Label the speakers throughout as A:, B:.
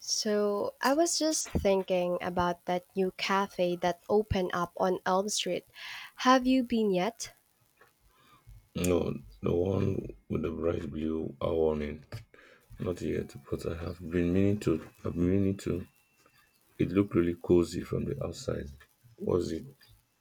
A: So I was just thinking about that new cafe that opened up on Elm Street. Have you been yet?
B: No, the one with the bright blue hour on it. Not yet, but I have been meaning to. It looked really cozy from the outside. Was it?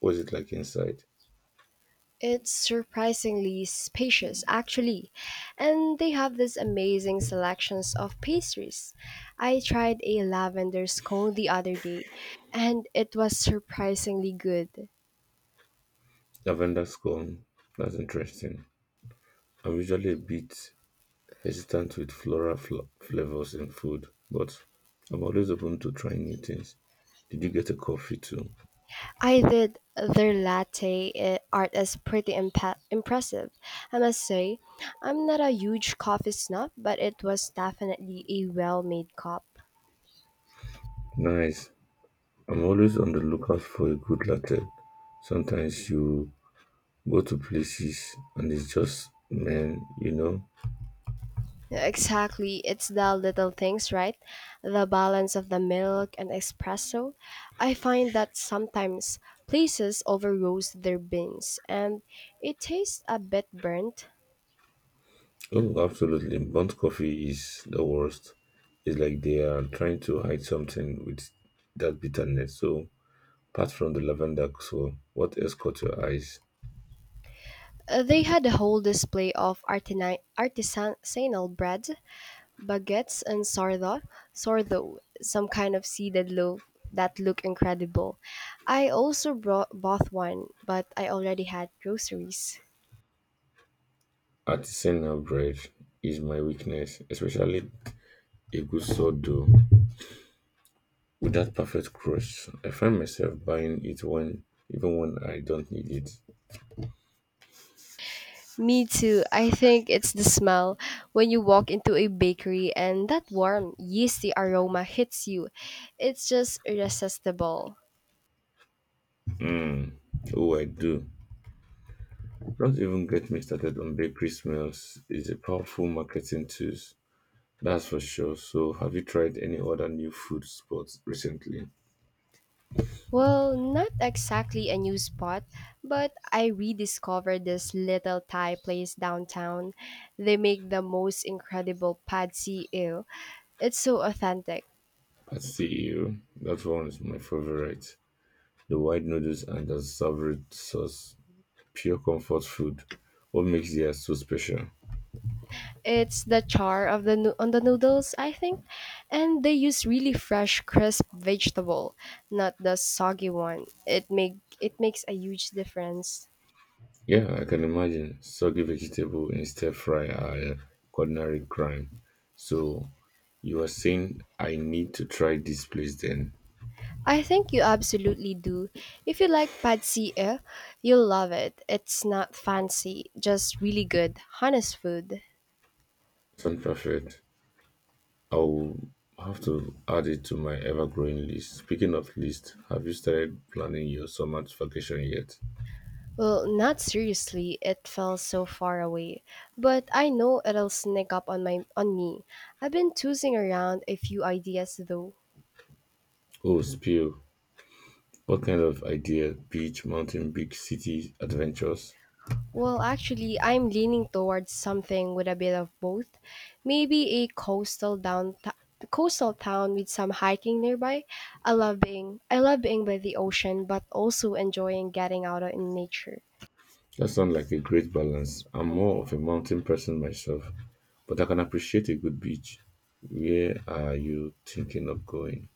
B: Was it like inside?
A: It's surprisingly spacious, actually, and they have this amazing selections of pastries. I tried a lavender scone the other day, and it was surprisingly good.
B: Lavender's gone. That's interesting. I'm usually a bit hesitant with flavors in food, but I'm always open to trying new things. Did you get a coffee too?
A: I did. Their latte art is pretty impressive. I must say, I'm not a huge coffee snob, but it was definitely a well made cup.
B: Nice. I'm always on the lookout for a good latte. Sometimes you go to places and it's just man.
A: Exactly, it's the little things, right? The balance of the milk and espresso. I find that sometimes places over roast their beans and it tastes a bit burnt.
B: Oh, absolutely. Burnt coffee is the worst. It's like they are trying to hide something with that bitterness. So, apart from the lavender, so what else caught your eyes?
A: They had a whole display of artisanal bread baguettes and sordo, some kind of seeded loaf that look incredible. I also bought one, but I already had groceries.
B: Artisanal bread is my weakness, especially a good sourdough with that perfect crust. I find myself buying it when even when I don't need it.
A: Me too. I think it's the smell when you walk into a bakery and that warm, yeasty aroma hits you. It's just irresistible.
B: Oh, I do. Don't even get me started on bakery smells. It's a powerful marketing tool, that's for sure. So, have you tried any other new food spots recently?
A: Well, not exactly a new spot, but I rediscovered this little Thai place downtown. They make the most incredible pad see ew. It's so authentic.
B: At CEO, that one is my favorite. The white noodles and the savory sauce, pure comfort food. What makes theirs so special?
A: It's the char of the on the noodles, I think, and they use really fresh, crisp vegetable, not the soggy one. It makes a huge difference.
B: Yeah, I can imagine. Soggy vegetable in stir fry are a culinary crime. So, you are saying I need to try this place then?
A: I think you absolutely do. If you like pad see ew, you'll love it. It's not fancy, just really good, honest food.
B: Sound perfect. I'll have to add it to my ever-growing list. Speaking of list, have you started planning your summer vacation yet?
A: Well, not seriously, it fell so far away, but I know it'll sneak up on my on me. I've been tossing around a few ideas though.
B: Oh, spill. What kind of idea? Beach, mountain, big city adventures?
A: Well, actually, I'm leaning towards something with a bit of both. Maybe a coastal town with some hiking nearby. I love being by the ocean, but also enjoying getting out in nature.
B: That sounds like a great
A: It's
B: balance. I'm more
A: perfect.
B: of a mountain person myself, but I can appreciate a good beach. Where are you thinking of going?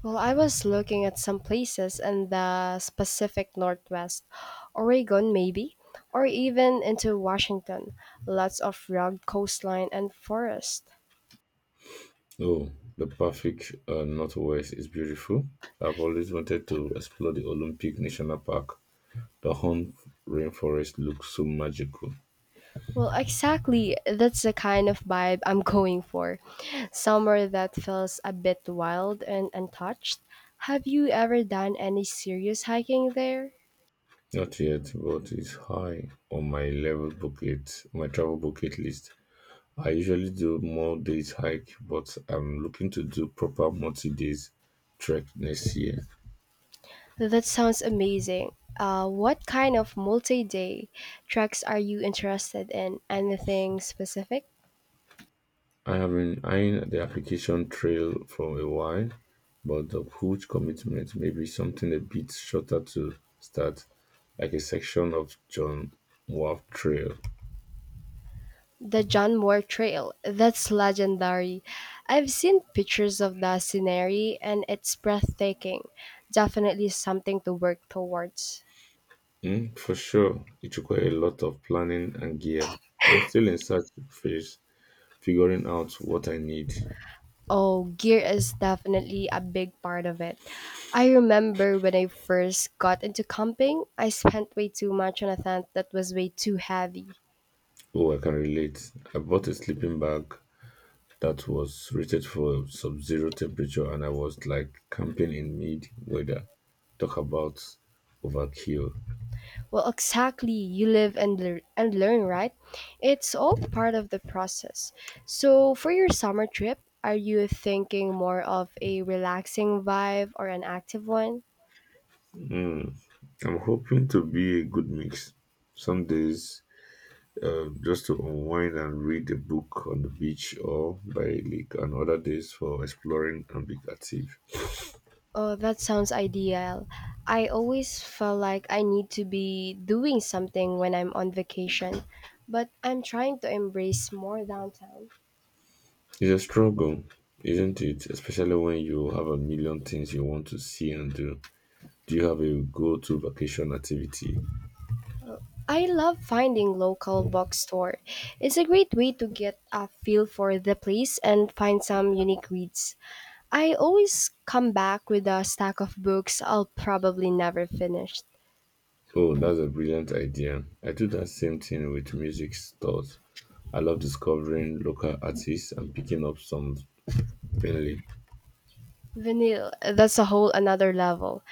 A: Well, I was looking at some places in the Pacific Northwest, Oregon maybe, or even into Washington. Lots of rugged coastline and forest.
B: Oh, the Pacific Northwest is beautiful. I've always wanted to explore the Olympic National Park. The Home rainforest looks so magical.
A: Well, exactly. That's the kind of vibe I'm going for. Somewhere that feels a bit wild and untouched. Have you ever done any serious hiking there?
B: Not yet, but it's high on my travel bucket list. I usually do more days hike, but I'm looking to do proper multi days trek next year.
A: That sounds amazing. What kind of multi day treks are you interested in? Anything specific?
B: I have been eyeing the application trail for a while, but the huge commitment may be something a bit shorter to start, like a section of John Wharf Trail.
A: The John Moore Trail. That's legendary. I've seen pictures of the scenery and it's breathtaking. Definitely something to work towards.
B: Mm, for sure, it requires a lot of planning and gear. I'm still in search phase, figuring out what I need.
A: Oh, gear is definitely a big part of it. I remember when I first got into camping, I spent way too much on a tent that was way too heavy.
B: Oh, I can relate. I bought a sleeping bag that was rated for sub-zero temperature, and I was like camping in mid-weather. Talk about overkill.
A: Well, exactly, you live and learn, right? It's all part of the process. So, for your summer trip, are you thinking more of a relaxing vibe or an active one?
B: I'm hoping to be a good mix. Some days, just to unwind and read a book on the beach or by a lake, and other days for exploring and being active.
A: Oh, that sounds ideal. I always felt like I need to be doing something when I'm on vacation, but I'm trying to embrace more downtown.
B: It's a struggle, isn't it? Especially when you have a million things you want to see and do. Do you have a go-to vacation activity?
A: I love finding local bookstore. It's a great way to get a feel for the place and find some unique reads. I always come back with a stack of books I'll probably never finish.
B: Oh, that's a brilliant idea. I do that same thing with music stores. I love discovering local artists and picking up some Finley.
A: Vinyl, that's a whole another level.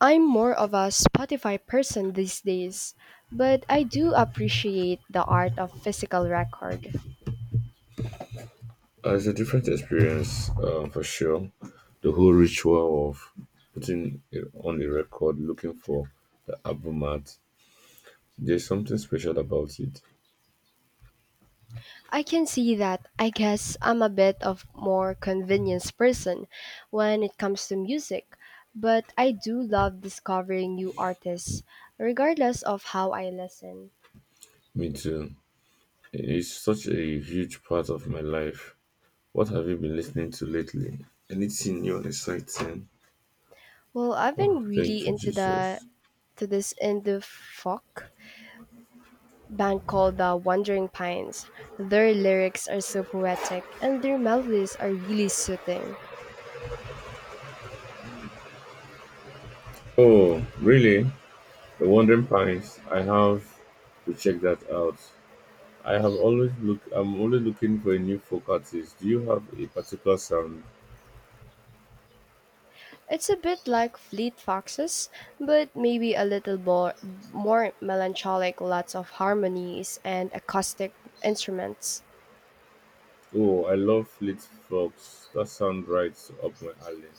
A: I'm more of a Spotify person these days, but I do appreciate the art of physical record.
B: It's a different experience for sure. The whole ritual of putting it on the record, looking for the album art, there's something special about it.
A: I can see that. I guess I'm a bit of more convenience person when it comes to music, but I do love discovering new artists regardless of how I listen.
B: Me too. It's such a huge part of my life. What have you been listening to lately? Anything new and exciting?
A: Well, I've been
B: Oh,
A: really
B: thank you,
A: into the
B: Jesus.
A: to this indie folk band called the Wandering Pines. Their lyrics are so poetic and their melodies are really soothing.
B: Oh, really? The Wandering Pines. I have to check that out. I have always look. I'm always looking for a new folk artist. Do you have a particular sound?
A: It's a bit like Fleet Foxes, but maybe a more melancholic, lots of harmonies and acoustic instruments.
B: Oh, I love Fleet Fox. That sound right up my alley.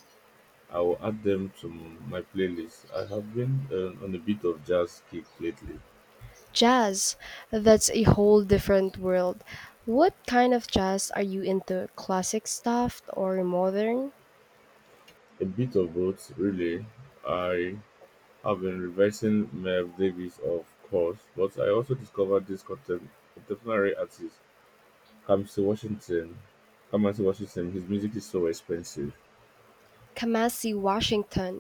B: I will add them to my playlist. I have been on a bit of jazz kick lately.
A: Jazz, that's a whole different world. What kind of jazz are you into? Classic stuff or modern?
B: A bit of both, really. I have been revising Merv Davis, of course, but I also discovered this contemporary artist, Kamsi Washington. Kamasi Washington, his music is so expensive.
A: Kamasi Washington.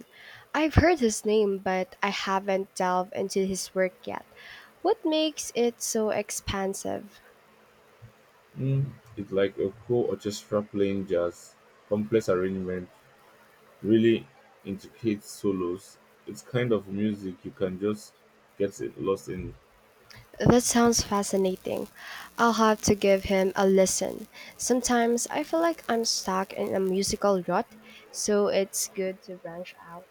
A: I've heard his name, but I haven't delved into his work yet. What makes it so expansive?
B: Mm, it's like a whole orchestra playing jazz, complex arrangement, really intricate solos. It's kind of music you can just get lost in.
A: That sounds fascinating. I'll have to give him a listen. Sometimes I feel like I'm stuck in a musical rut, so it's good to branch out.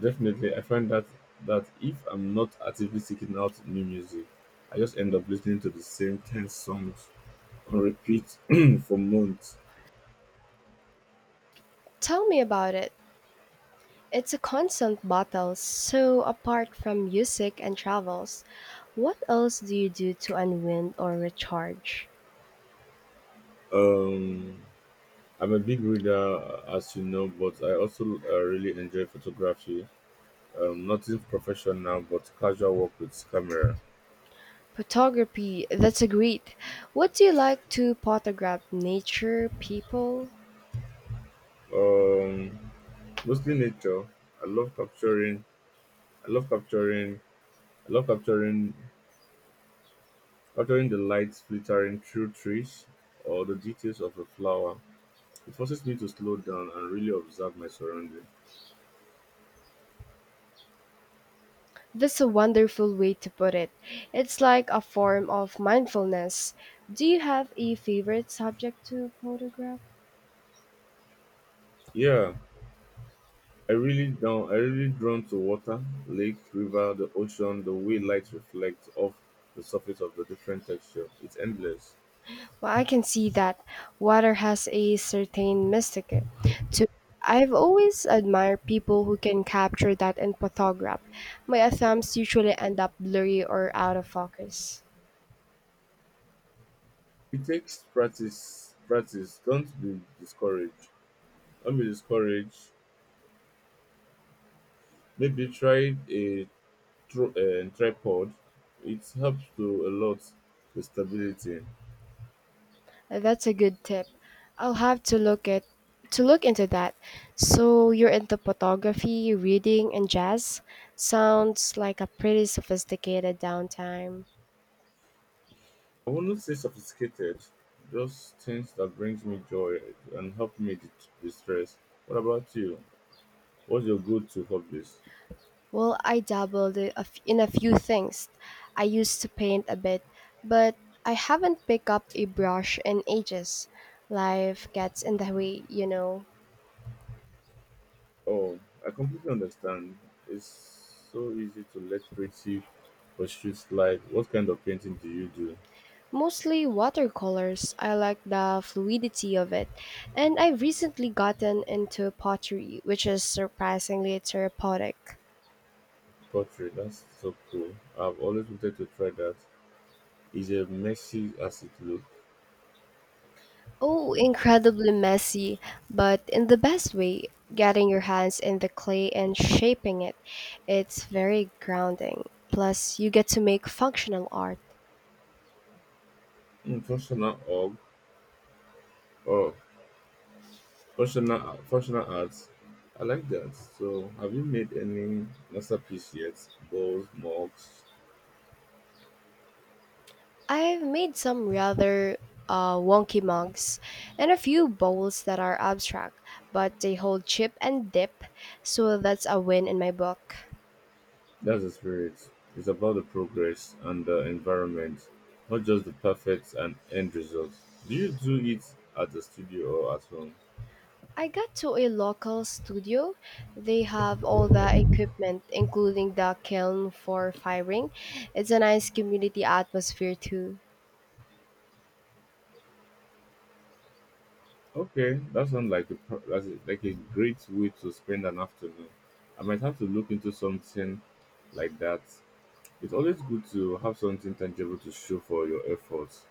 B: Definitely, I find that if I'm not actively seeking out new music, I just end up listening to the same ten songs on repeat for months.
A: Tell me about it. It's a constant battle, so apart from music and travels, what else do you do to unwind or recharge?
B: Um, I'm a big reader, as you know, but I also really enjoy photography. Nothing professional, but casual work with camera.
A: Photography, that's a great. What do you like to photograph nature, people?
B: Um, mostly nature. I love capturing. I love capturing. I love capturing capturing the lights flittering through trees or the details of a flower. It forces me to slow down and really observe my surroundings.
A: That's a wonderful way to put it. It's like a form of mindfulness. Do you have a favorite subject to photograph?
B: Yeah, I really drawn to water, lake, river, the ocean, the way light reflects off the surface of the different texture. It's endless.
A: Well, I can see that water has a certain mystic to. I've always admired people who can capture that in photograph. My attempts usually end up blurry or out of focus.
B: It takes practice. Don't be discouraged. Maybe try a tripod. It helps to a lot with stability.
A: That's a good tip. I'll have to look at to look into that. So you're into photography, reading, and jazz? Sounds like a pretty sophisticated downtime.
B: I wouldn't say sophisticated, just things that brings me joy and help me distress. What about you? What's your go-to hobbies?
A: Well, I dabbled in a few things. I used to paint a bit, but I haven't picked up a brush in ages. Life gets in the way, you know.
B: Oh, I completely understand. It's so easy to let creative pursuits slide. What kind of painting do you do?
A: Mostly watercolors. I like the fluidity of it. And I've recently gotten into pottery, which is surprisingly therapeutic.
B: Pottery. That's so cool. I've always wanted to try that. Is it messy as it looks.
A: Oh, incredibly messy, but in the best way, getting your hands in the clay and shaping it. It's very grounding. Plus, you get to make functional art.
B: Mm, functional orb. Functional functional arts. I like that. So, have you made any masterpiece yet? Bowls, mugs.
A: I've made some rather wonky mugs and a few bowls that are abstract, but they hold chip and dip, so that's a win in my book.
B: That's the spirit. It's about the progress and the environment, not just the perfect and end result. Do you do it at the studio or at home?
A: I got to a local studio. They have all the equipment, including the kiln for firing. It's a nice community atmosphere, too.
B: Okay, that sounds like a pro- that's a- like a great way to spend an afternoon. I might have to look into something like that. It's always good to have something tangible to show for your efforts.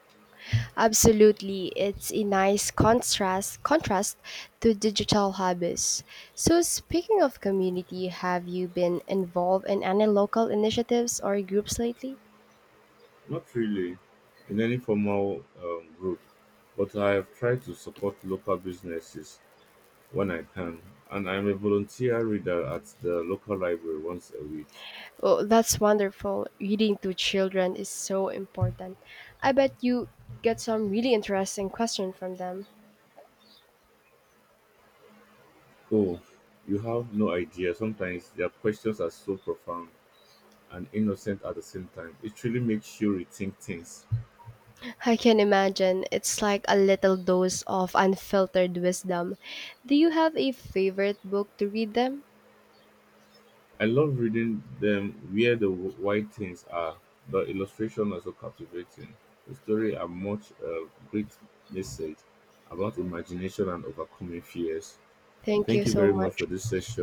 A: Absolutely, it's a nice contrast to digital hobbies. So speaking of community, have you been involved in any local initiatives or groups lately?
B: Not really in any formal group, but I have tried to support local businesses when I can, and I'm a volunteer reader at the local library once a week.
A: Oh, that's wonderful. Reading to children is so important. I bet you get some really interesting questions from them.
B: Oh, you have no idea. Sometimes their questions are so profound and innocent at the same time. It really makes you rethink things.
A: I can imagine it's like a little dose of unfiltered wisdom. Do you have a favorite book to read them?
B: I love reading them where the white things are. The illustration are so captivating. The story are much a great message about imagination and overcoming fears.
A: Thank you
B: Thank you
A: so
B: very much for
A: much.
B: this session.